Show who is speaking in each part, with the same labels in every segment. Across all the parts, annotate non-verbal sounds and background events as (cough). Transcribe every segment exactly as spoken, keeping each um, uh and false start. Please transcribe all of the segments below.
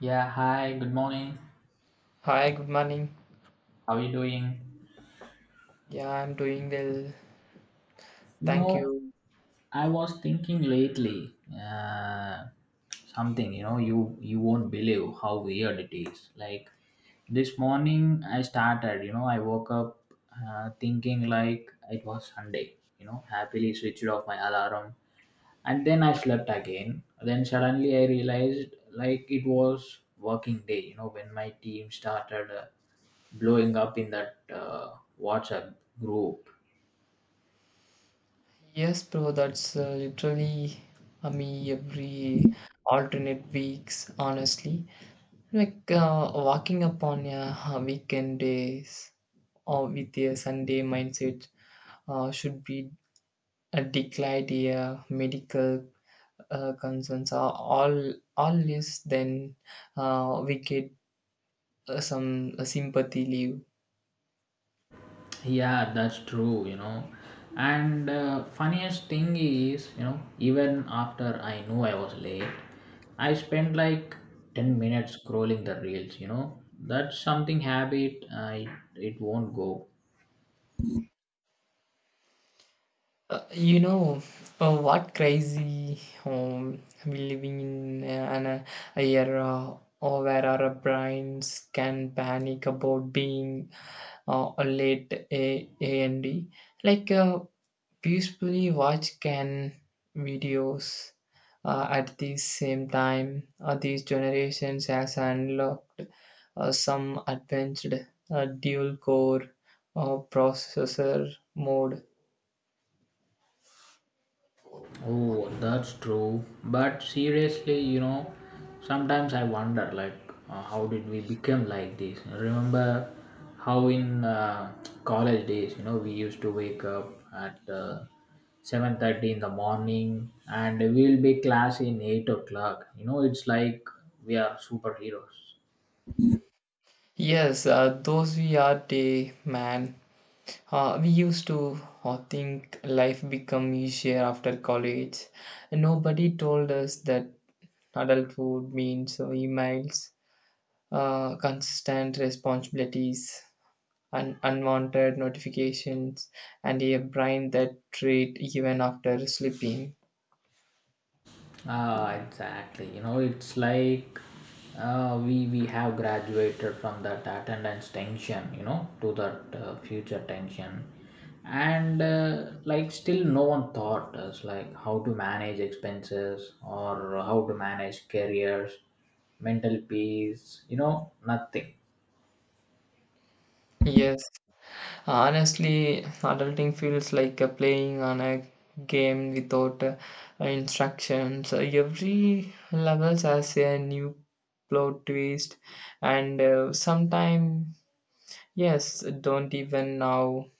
Speaker 1: Yeah, hi, good morning.
Speaker 2: Hi, good morning.
Speaker 1: How are you doing?
Speaker 2: Yeah, I'm doing well.
Speaker 1: You
Speaker 2: Thank
Speaker 1: know,
Speaker 2: you.
Speaker 1: I was thinking lately uh, something, you know, you you won't believe how weird it is. Like this morning I started, you know, I woke up uh, thinking like it was Sunday, you know, happily switched off my alarm and then I slept again. Then suddenly I realized like it was working day you know when my team started uh, blowing up in that uh, whatsapp group.
Speaker 2: Yes, bro, that's uh, literally uh, me every alternate weeks, honestly. Like uh, walking up on a uh, weekend days or with a Sunday mindset uh, should be a declined uh, medical uh, concerns are all all less then uh, we get uh, some uh, sympathy leave.
Speaker 1: Yeah, that's true. You know and uh, funniest thing is you know even after I knew I was late, I spent like ten minutes scrolling the reels. You know that's something habit, uh, it, it won't go.
Speaker 2: Uh, you know uh, what crazy um, we living in uh, an uh, a era or where our brains can panic about being uh, a late a a and d like uh, peacefully watch can videos uh, at the same time uh, these generations has unlocked uh, some advanced uh, dual core uh, processor mode.
Speaker 1: Oh, that's true. But seriously, you know, sometimes I wonder, like, uh, how did we become like this? Remember how in uh, college days, you know, we used to wake up at uh, seven thirty in the morning, and we'll be class in eight o'clock. You know, it's like we are superheroes.
Speaker 2: Yes, uh, those we are day, man. Uh, we used to uh, think life become easier after college. Nobody told us that adulthood means uh, emails, uh, consistent responsibilities, and unwanted notifications, and a brain that trade even after sleeping.
Speaker 1: Ah, exactly. You know, it's like uh, we we have graduated from that attendance tension, you know, to that uh, future tension, and uh, like still no one taught us like how to manage expenses or how to manage careers, mental peace. You know, nothing.
Speaker 2: Yes. Honestly, adulting feels like uh, playing on a game without uh, instructions. Uh, Every level has a new plot twist, and uh, sometimes, yes, don't even know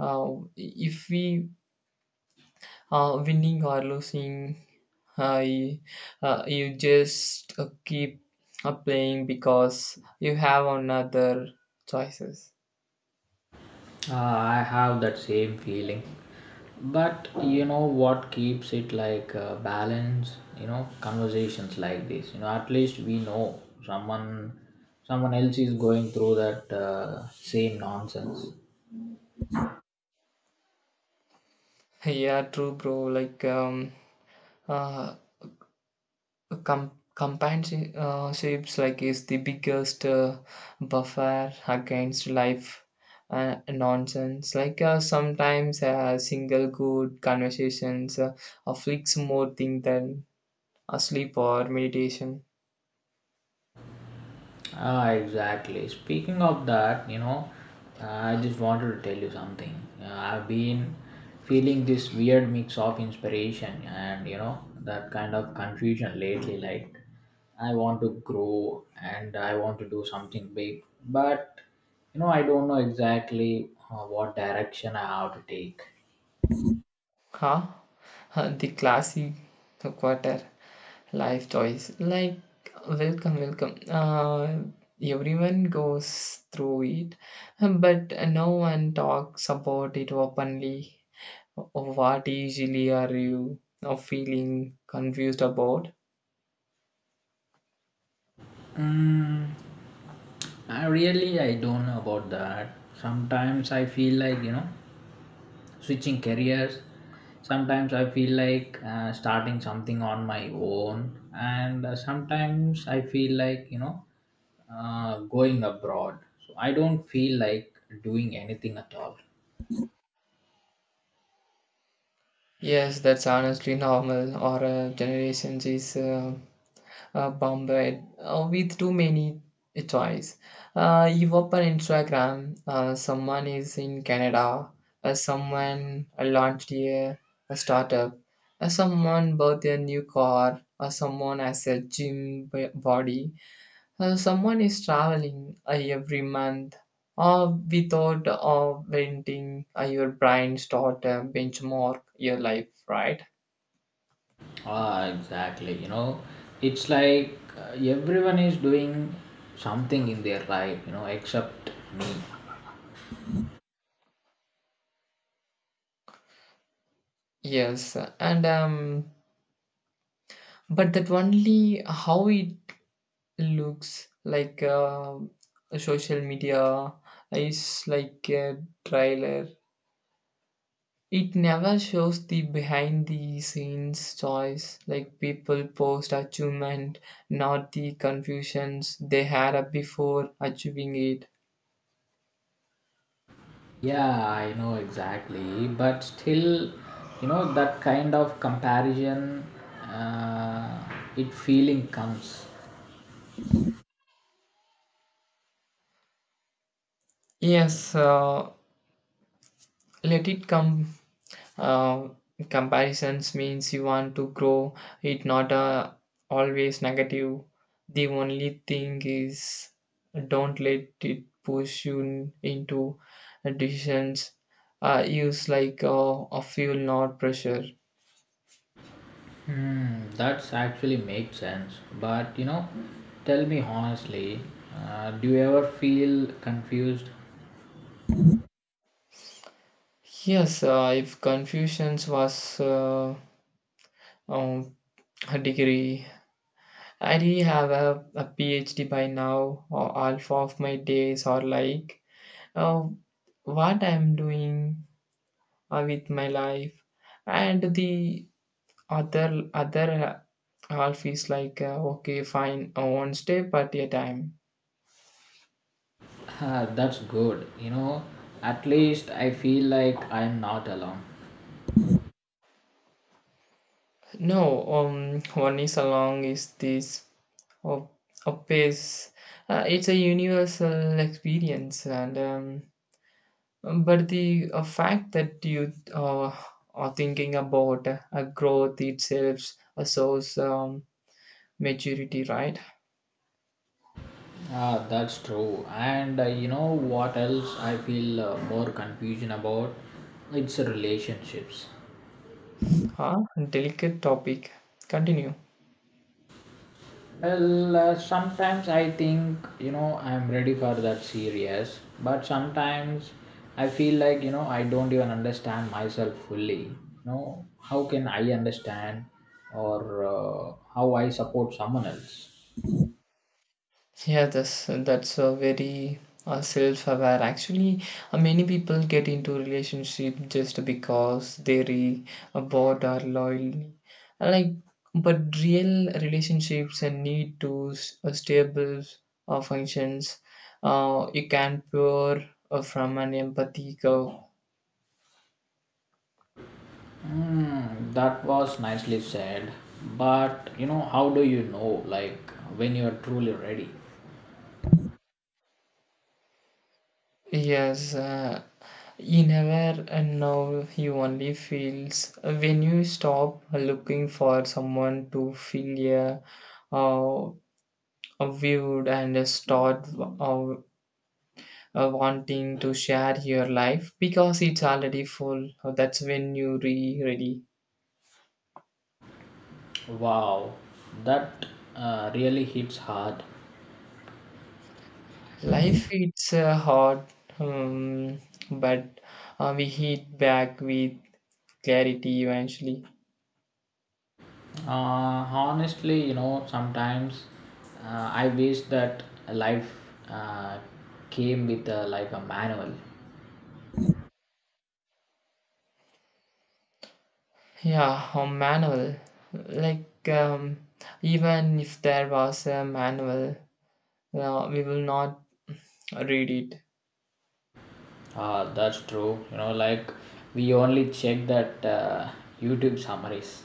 Speaker 2: uh, if we are winning or losing. Uh, you, uh, you just uh, keep uh, playing because you have another choices.
Speaker 1: Uh, I have that same feeling. But you know what keeps it like uh, balance, you know, conversations like this. You know, at least we know someone someone else is going through that uh, same nonsense.
Speaker 2: (laughs) Yeah, true, bro. Like um. Uh, Com- companionship uh, ships, like is the biggest uh, buffer against life uh, nonsense like uh, sometimes a single good conversations uh, afflicts more thing than a sleep or meditation.
Speaker 1: Ah, exactly. Speaking of that, you know, uh, I just wanted to tell you something. Uh, I've been feeling this weird mix of inspiration and, you know, that kind of confusion lately. Like, I want to grow and I want to do something big, but, you know, I don't know exactly uh, what direction I have to take.
Speaker 2: Huh? Uh, the classic quarter life choice like welcome, welcome, uh, everyone goes through it, but no one talks about it openly. What usually are you now feeling confused about?
Speaker 1: Mm, I really I don't know about that. Sometimes I feel like you know switching careers. Sometimes I feel like uh, starting something on my own. And uh, sometimes I feel like you know uh, going abroad. So I don't feel like doing anything at all.
Speaker 2: Yes, that's honestly normal. Our uh, generation is uh, uh, bombarded uh, with too many choice. Uh, you open Instagram. Uh, someone is in Canada. Uh, someone launched a, a startup. Uh, someone bought a new car. Uh, someone has a gym b- body. Uh, someone is traveling uh, every month uh, without uh, venting uh, your brain start uh, benchmark your life, right?
Speaker 1: Ah, exactly. You know it's like uh, everyone is doing something in their life you know except me.
Speaker 2: Yes, uh, and um, but that only how it looks like. Uh, social media is like a trailer. It never shows the behind the scenes choice, like people post achievement, not the confusions they had up before achieving it.
Speaker 1: Yeah, I know exactly, but still, you know, that kind of comparison, uh, it feeling comes.
Speaker 2: Yes, uh, let it come. Uh, Comparisons means you want to grow. It not uh, always negative. The only thing is don't let it push you in- into decisions. Uh, use like uh, a fuel, not pressure.
Speaker 1: Hmm, that's actually makes sense. But you know, tell me honestly, uh, do you ever feel confused? (laughs)
Speaker 2: Yes, uh, if Confucius was uh, um, a degree, I'd have a, a PhD by now, or half of my days are like uh, what I'm doing uh, with my life, and the other other half is like uh, okay, fine, uh, one step at a time.
Speaker 1: Ah, that's good. You know, at least I feel like I'm not alone.
Speaker 2: No, um, one is along is this of a pace. Uh, it's a universal experience and. Um, Um, But the uh, fact that you uh, are thinking about a growth itself, a source um, maturity, right?
Speaker 1: Ah, that's true. And uh, you know what else I feel uh, more confusion about? It's relationships.
Speaker 2: Huh? Delicate topic. Continue.
Speaker 1: Well, uh, sometimes I think, you know, I'm ready for that series, but sometimes I feel like, you know, I don't even understand myself fully. You know, how can I understand or uh, how I support someone else?
Speaker 2: Yeah, that's that's a very uh, self-aware. Actually, uh, many people get into relationship just because they re uh, bored or loyal. Like, but real relationships and need to s- uh, stable uh, functions. Uh, you can pour uh, from an empathy curve.
Speaker 1: Hmm, that was nicely said. But, you know, how do you know, like, when you're truly ready?
Speaker 2: Yes, uh, he never and now he only feels when you stop looking for someone to feel a, uh, a viewed and start uh, uh, wanting to share your life because it's already full. That's when you re ready.
Speaker 1: Wow, that uh, really hits hard.
Speaker 2: Life it's uh, hard, um, but uh, we hit back with clarity eventually.
Speaker 1: Uh, honestly, you know, sometimes uh, I wish that life uh, came with uh, like a manual.
Speaker 2: Yeah, a manual. Like, um, even if there was a manual, uh, we will not read it.
Speaker 1: Uh, that's true. You know, like we only check that uh, YouTube summaries.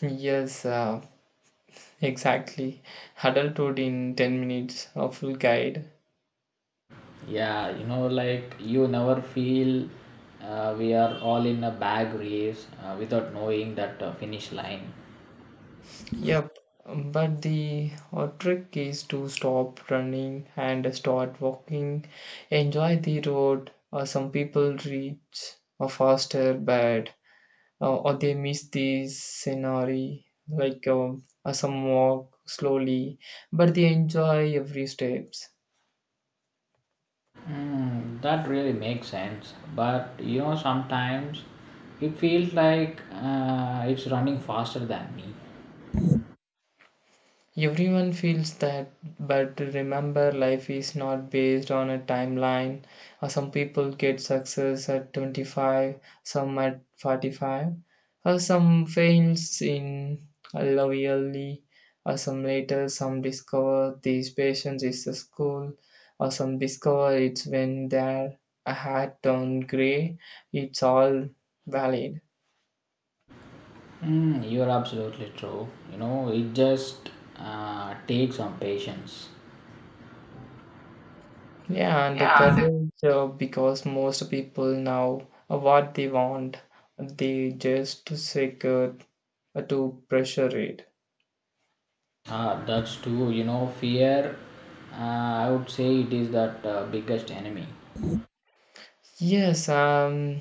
Speaker 2: Yes, uh, exactly. Adulthood in 10 minutes, a full guide.
Speaker 1: Yeah, you know, like you never feel uh, we are all in a bag race uh, without knowing that uh, finish line.
Speaker 2: Yep, but the uh, trick is to stop running and start walking. Enjoy the road. Uh, some people reach uh, faster, but uh, or they miss the scenery like um, uh, some walk slowly but they enjoy every step.
Speaker 1: Mm, that really makes sense. But you know, sometimes it feels like uh, it's running faster than me.
Speaker 2: Everyone feels that, but remember, life is not based on a timeline. Uh, Some people get success at twenty-five, some at forty-five, uh, some fails in uh, love early, uh, some later, some discover this patience is a school, or some discover it's when they're a hat on gray. It's all valid.
Speaker 1: Mm, you're absolutely true. You know, it just uh, takes some patience.
Speaker 2: Yeah, and the courage uh, because most people know what they want. They just secure uh, to pressure it.
Speaker 1: Ah, that's true. You know, fear, uh, I would say it is that uh, biggest enemy.
Speaker 2: Yes, um,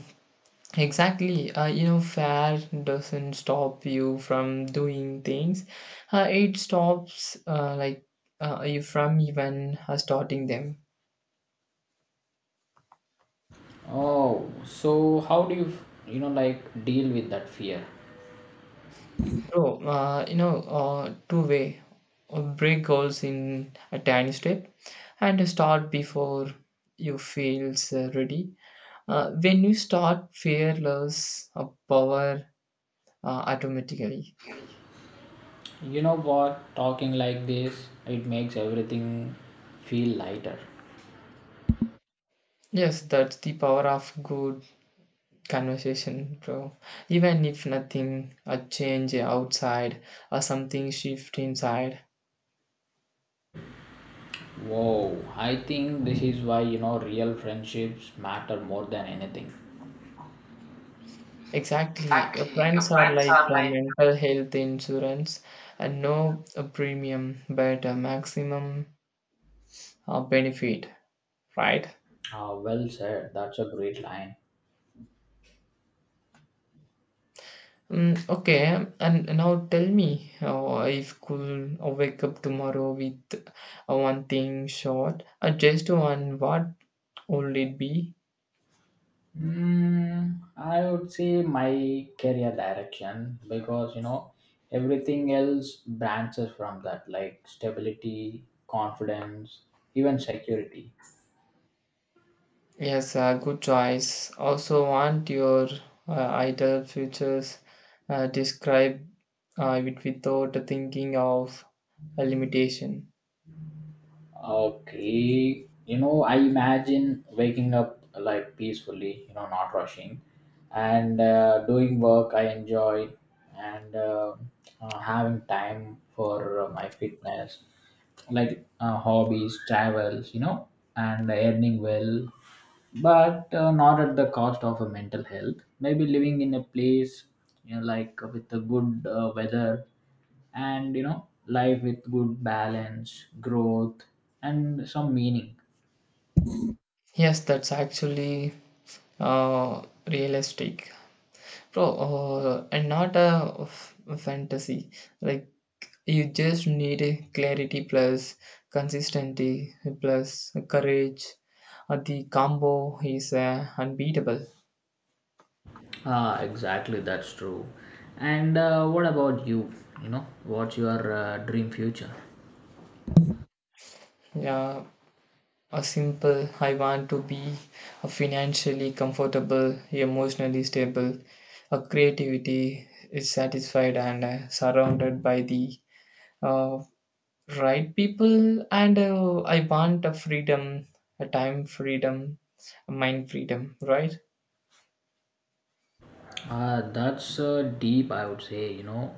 Speaker 2: exactly. Uh, you know, fear doesn't stop you from doing things. Uh, it stops uh, like uh, you from even uh, starting them.
Speaker 1: Oh, so how do you, you know, like deal with that fear?
Speaker 2: Bro, uh, you know, uh, two way, uh, break goals in a tiny step and start before you feels uh, ready. Uh, when you start fearless, uh, power uh, automatically.
Speaker 1: You know what? Talking like this, it makes everything feel lighter.
Speaker 2: Yes, that's the power of good conversation, bro. Even if nothing, a change outside or something shift inside.
Speaker 1: Wow, I think this is why you know real friendships matter more than anything.
Speaker 2: Exactly. Your
Speaker 1: Exactly. Your
Speaker 2: friends are
Speaker 1: friends
Speaker 2: like
Speaker 1: are
Speaker 2: a
Speaker 1: like.
Speaker 2: mental health insurance and no uh, premium but a maximum uh, benefit, right?
Speaker 1: Ah, well said. That's a great line.
Speaker 2: Mm, okay, and now tell me uh, if could uh, wake up tomorrow with uh, one thing short, uh, just one, what would it be?
Speaker 1: Mm, I would say my career direction because you know everything else branches from that, like stability, confidence, even security.
Speaker 2: Yes, uh, good choice. Also, want your uh, ideal futures uh, describe uh, it without thinking of a limitation.
Speaker 1: Okay, you know, I imagine waking up like peacefully, you know, not rushing, and uh, doing work I enjoy, and uh, uh, having time for uh, my fitness, like uh, hobbies, travels, you know, and earning well, but uh, not at the cost of a mental health. Maybe living in a place, you know, like with a good uh, weather and you know life with good balance growth and some meaning.
Speaker 2: Yes, that's actually uh, realistic, bro, uh, and not a f- fantasy. Like you just need a clarity plus consistency plus courage. Uh, the combo is uh, unbeatable.
Speaker 1: Ah, exactly, that's true. And uh, what about you? You know what's your uh, dream future?
Speaker 2: Yeah, a simple I want to be financially comfortable, emotionally stable, a creativity is satisfied and uh, surrounded by the uh, right people and uh, I want a freedom, a time freedom, a mind freedom, right?
Speaker 1: Uh, that's uh, deep, I would say. you know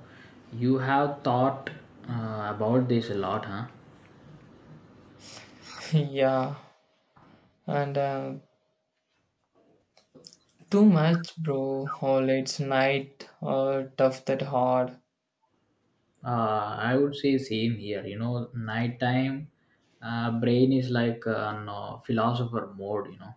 Speaker 1: You have thought uh, about this a lot, huh?
Speaker 2: (laughs) Yeah, and uh, too much, bro. Oh, it's night, uh, tough that hard.
Speaker 1: uh, I would say same here. You know nighttime uh, brain is like uh, on, uh, philosopher mode you know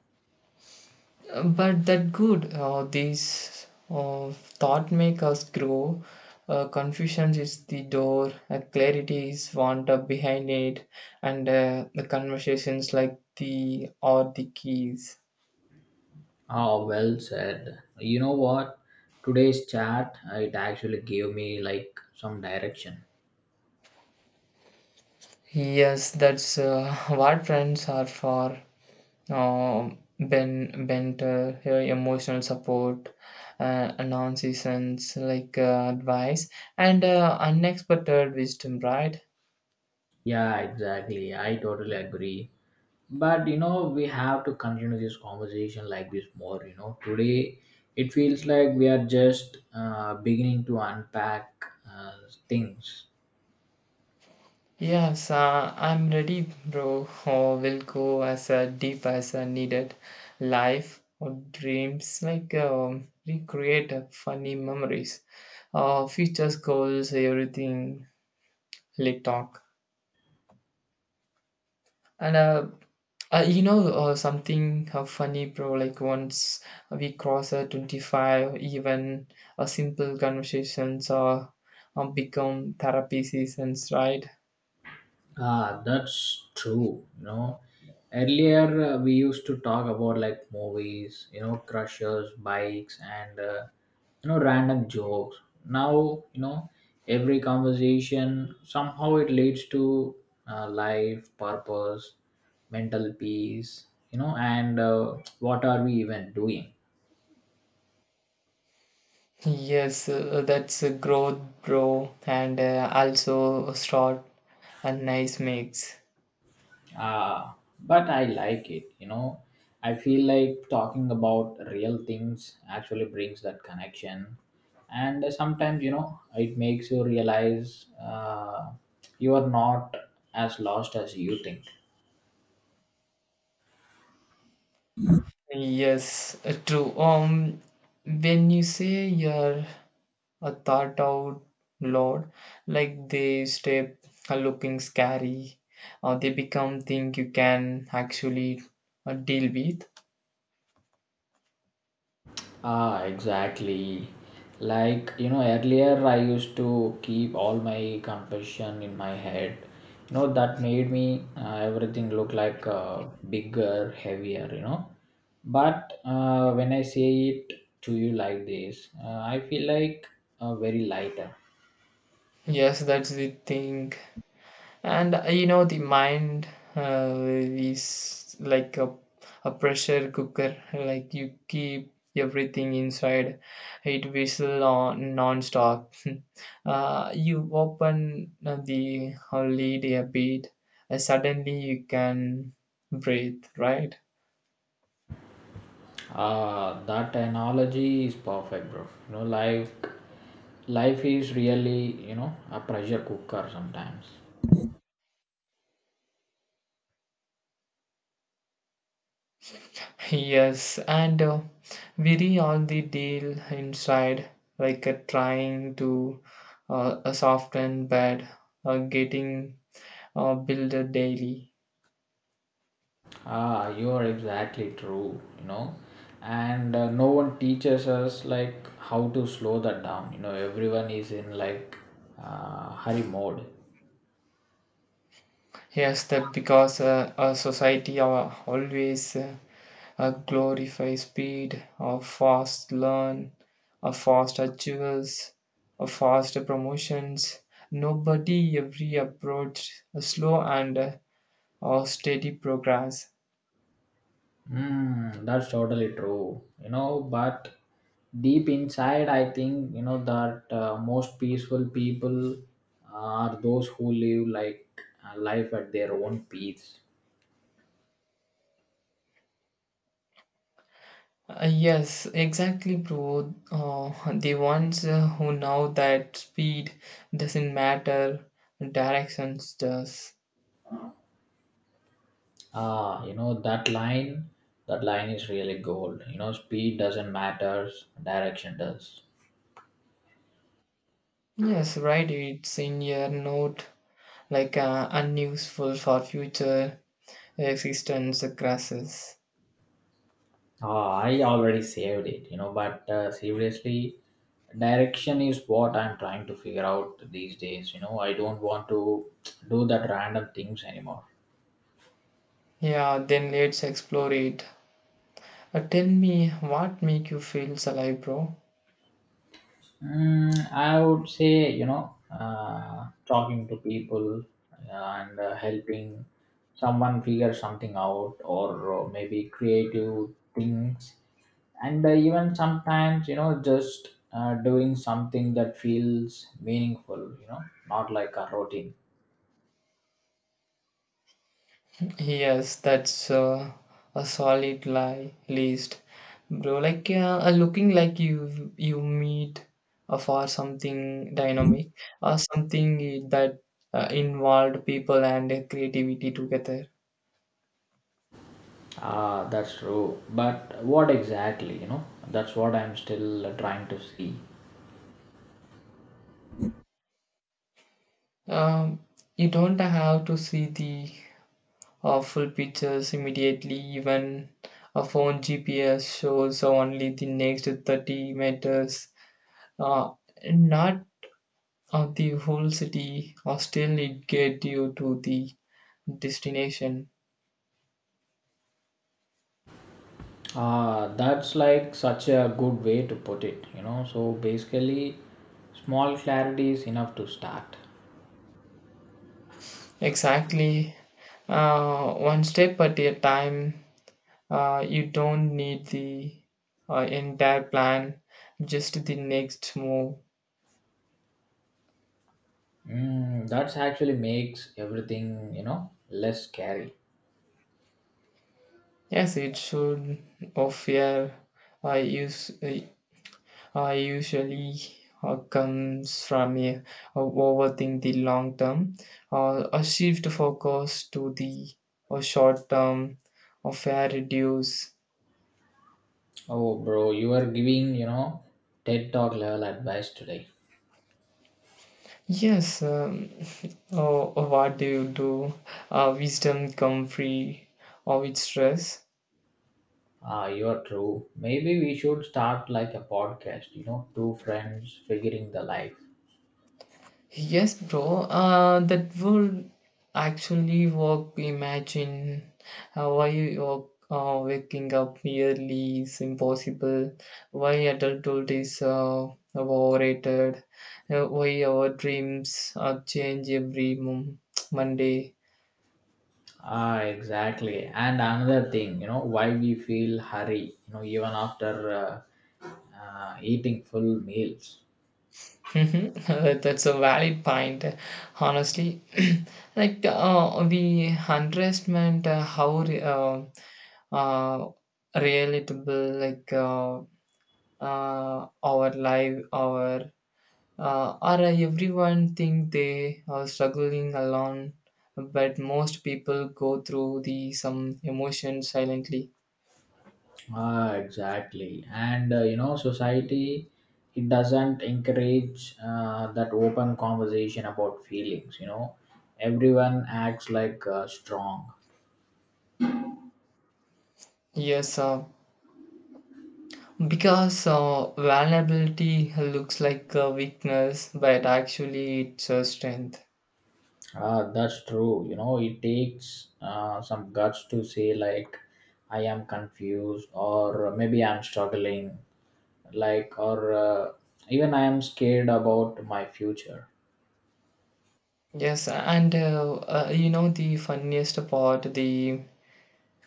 Speaker 2: Uh, but that good uh, these uh, thought make us grow. Uh, confusion is the door. Uh, clarity is wound up behind it, and uh, the conversations like the or the keys.
Speaker 1: Ah, well said. You know what? Today's chat, uh, it actually gave me like some direction.
Speaker 2: Yes, that's uh, (laughs) what friends are for. Um ben banter, uh, emotional support, uh, nonsense like uh, advice, and uh, unexpected wisdom, right?
Speaker 1: Yeah, exactly. I totally agree. But you know, we have to continue this conversation like this more. You know, today it feels like we are just uh, beginning to unpack uh, things.
Speaker 2: Yes, uh, I'm ready, bro. Oh, we'll go as uh, deep as uh, needed. Life or dreams, like um, recreate uh, funny memories, uh, futures goals, everything. Like talk and uh, uh you know uh, something uh, funny, bro. Like once we cross uh, twenty-five, even a simple conversations uh, um, become therapy seasons, right?
Speaker 1: Ah, that's true. You know, earlier uh, we used to talk about like movies, you know, crushes, bikes, and uh, you know, random jokes. Now, you know, every conversation somehow it leads to uh, life, purpose, mental peace, you know, and uh, what are we even doing?
Speaker 2: Yes, uh, that's a growth, bro, and uh, also a short and nice mix.
Speaker 1: Uh, but I like it, you know. I feel like talking about real things actually brings that connection. And sometimes, you know, it makes you realize uh, you are not as lost as you think.
Speaker 2: Yes, uh, true. Um, when you say you're a thought out loud, like they step uh, looking scary, or they become thing you can actually uh, deal with.
Speaker 1: Ah, exactly. Like, you know, earlier I used to keep all my confession in my head. You know, that made me uh, everything look like uh, bigger, heavier, you know. But uh, when I say it to you like this, uh, I feel like uh, very lighter.
Speaker 2: Yes, that's the thing. And uh, you know, the mind uh, is like a, a pressure cooker, like you keep everything inside, it whistle on non-stop. (laughs) Uh, you open uh, the uh, lid a bit, uh, suddenly you can breathe, right? (laughs)
Speaker 1: Ah, that analogy is perfect, bro. You know, like life is really, you know, a pressure cooker sometimes.
Speaker 2: Yes, and uh, weary all the deal inside, like uh, trying to uh, a soften bed, uh, getting uh, build daily.
Speaker 1: Ah, you are exactly true, you know. And uh, no one teaches us like how to slow that down. You know, everyone is in like uh, hurry mode.
Speaker 2: Yes, that because uh, our society uh, always uh, uh, glorifies speed, uh, fast learn, uh, fast achievers, uh, fast promotions. Nobody every approach uh, slow and uh, uh, steady progress.
Speaker 1: Mm, that's totally true. You know, but deep inside, I think you know that uh, most peaceful people are those who live like uh, life at their own pace.
Speaker 2: Uh, yes, exactly, bro. Uh, the ones uh, who know that speed doesn't matter, directions does.
Speaker 1: Ah, you know that line. That line is really gold. You know, speed doesn't matter. Direction does.
Speaker 2: Yes, right. It's in your note, like uh, unuseful for future existence grasses.
Speaker 1: Ah, I already saved it, you know, but uh, seriously, direction is what I'm trying to figure out these days. You know, I don't want to do that random things anymore.
Speaker 2: Yeah, then let's explore it. Uh, tell me, what make you feel so alive, bro?
Speaker 1: Mm, I would say, you know, uh, talking to people uh, and uh, helping someone figure something out, or uh, maybe creative things, and uh, even sometimes, you know, just uh, doing something that feels meaningful, you know, not like a routine.
Speaker 2: Yes, that's uh, a solid lie list, bro. Like uh, uh, looking like you you meet uh, for something dynamic or something that uh, involved people and uh, creativity together.
Speaker 1: Ah, that's true. But what exactly, you know? That's what I'm still trying to see.
Speaker 2: Um, you don't have to see the uh, full pictures immediately. Even a phone G P S shows only the next thirty meters, uh, not of the whole city, or still it get you to the destination.
Speaker 1: Ah, that's like such a good way to put it, you know? So basically, small clarity is enough to start.
Speaker 2: Exactly, uh, one step at a time. Uh, you don't need the uh, entire plan, just the next move.
Speaker 1: Mm, that's actually makes everything, you know, less scary.
Speaker 2: Yes, it should. Of yeah, I use I usually uh, comes from a, a overthink the long term, or a shift focus to the a short term, or fair reduce.
Speaker 1: Oh, bro, you are giving, you know, TED Talk level advice today.
Speaker 2: Yes, um, oh, what do you do? Uh, wisdom come free of its stress.
Speaker 1: Ah, you are true. Maybe we should start like a podcast, you know, two friends figuring the life.
Speaker 2: Yes, bro. Uh, that would actually work. Imagine uh, why you're uh, waking up early is impossible. Why adulthood is uh, overrated. Uh, why our dreams are change every mom- Monday.
Speaker 1: Ah, exactly. And another thing, you know, why we feel hurry, you know, even after uh, uh, eating full meals.
Speaker 2: Mhm. (laughs) That's a valid point. Honestly, (clears throat) like uh, we underestimate uh, how re- uh, uh, relatable like. Uh, uh, our life, our uh, or everyone think they are struggling alone, but most people go through the some emotions silently.
Speaker 1: Ah, exactly. And, uh, you know, society, it doesn't encourage uh, that open conversation about feelings, you know. Everyone acts like uh, strong.
Speaker 2: Yes, uh, because uh, vulnerability looks like a weakness, but actually it's a strength.
Speaker 1: Ah, that's true. You know, it takes uh, some guts to say, like, I am confused or maybe I'm struggling like or uh, even I am scared about my future.
Speaker 2: Yes, and uh, uh, you know the funniest part, the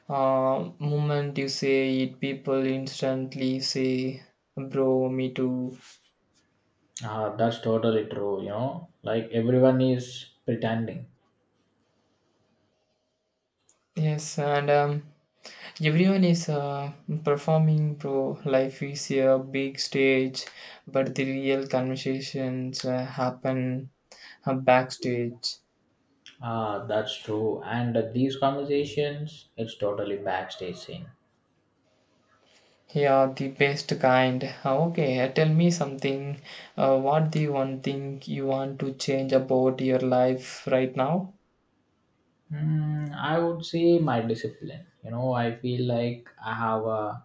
Speaker 2: uh, moment you say it, people instantly say, "Bro, me too."
Speaker 1: uh, That's totally true. You know like everyone is pretending.
Speaker 2: Yes, and um, everyone is uh, performing, bro. Life is a big stage, but the real conversations uh, happen uh, backstage.
Speaker 1: Ah, that's true and uh, these conversations it's totally backstage scene.
Speaker 2: Yeah, the best kind. Uh, Okay, uh, tell me something. Uh, what the one thing you want to change about your life right now?
Speaker 1: Hmm, I would say my discipline. you know I feel like I have a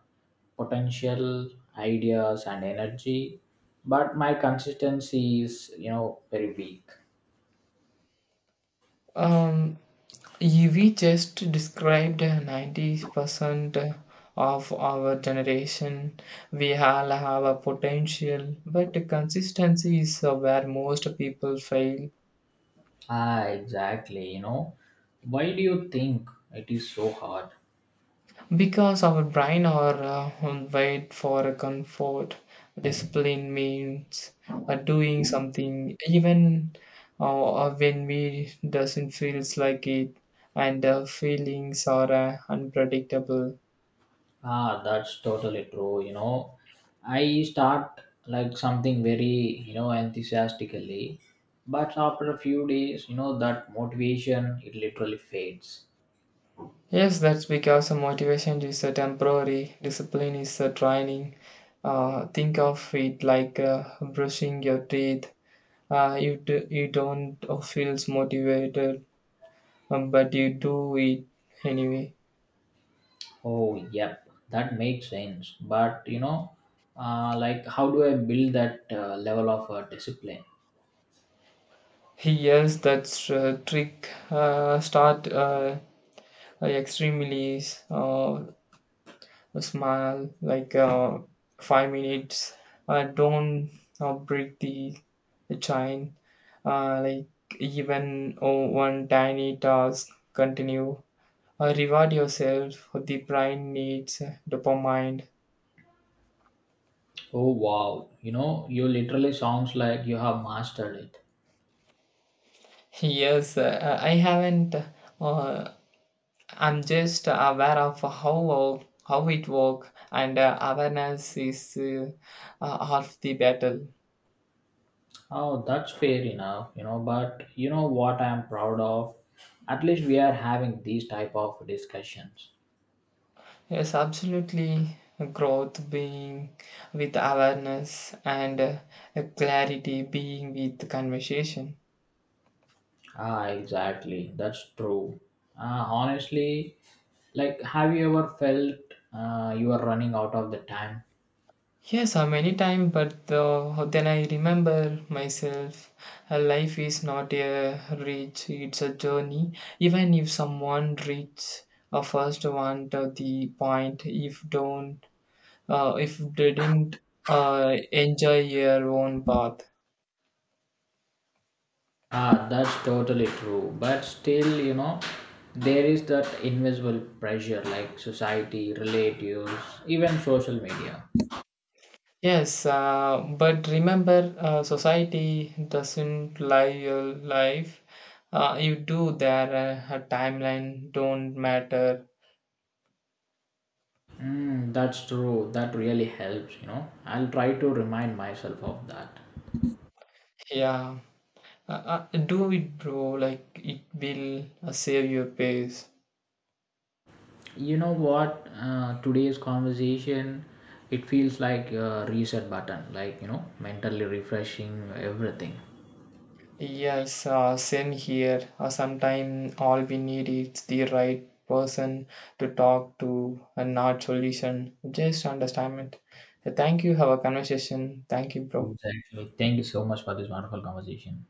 Speaker 1: potential ideas and energy, but my consistency is, you know very weak.
Speaker 2: Um, You- We just described ninety percent of our generation. We all have a potential, but consistency is uh, where most people fail
Speaker 1: Ah, exactly. You know, why do you think it is so hard?
Speaker 2: because our brain are uh, on wait for a comfort. Discipline means uh, doing something even uh, uh, when we doesn't feels like it, and uh, feelings are uh, unpredictable.
Speaker 1: Ah, that's totally true. You know, I start like something very, you know, enthusiastically, but after a few days, you know, that motivation it literally fades.
Speaker 2: Yes, that's because a motivation is a temporary, discipline is a training. Uh, think of it like uh, brushing your teeth. Uh, you do, you don't feel motivated, um, but you do it anyway.
Speaker 1: Oh, yep, that makes sense. But you know, uh, like, how do I build that uh, level of uh, discipline?
Speaker 2: Yes, that's uh, trick. Uh, start uh, extremely uh, Smile like uh, five minutes. Uh, don't uh, break the the chain. Uh, like even oh, one tiny task, continue. Uh, reward yourself. The brain needs dopamine.
Speaker 1: Oh, wow, you know, you literally sounds like you have mastered it.
Speaker 2: Yes, uh, I haven't. Uh, I'm just aware of how how it works, and uh, awareness is uh, uh, half the battle.
Speaker 1: Oh, that's fair enough, you know, but you know what I am proud of? At least we are having these type of discussions.
Speaker 2: Yes, absolutely. Growth being with awareness and uh, clarity being with conversation.
Speaker 1: Ah, exactly. That's true. Uh, honestly, like, have you ever felt uh, you are running out of the time?
Speaker 2: Yes, uh, many times, but uh, then I remember myself. Uh, life is not a reach; it's a journey. Even if someone reach a first one to the point, if don't, uh, if didn't uh, enjoy your own path.
Speaker 1: Ah, that's totally true. But still, you know, there is that invisible pressure like society, relatives, even social media.
Speaker 2: Yes, uh, but remember, uh, society doesn't lie your life. Uh, you do there, uh, a timeline don't matter.
Speaker 1: Mm, that's true. That really helps, you know. I'll try to remind myself of that.
Speaker 2: Yeah, uh, uh, do it, bro. Like it will uh, save your pace.
Speaker 1: You know what? Uh, today's conversation, it feels like a reset button, like, you know, mentally refreshing everything.
Speaker 2: Yes, uh, same here. Uh, Sometimes all we need is the right person to talk to and not solution, just understandment. Thank you. Have a conversation. Thank you, bro.
Speaker 1: Exactly. Thank you so much for this wonderful conversation.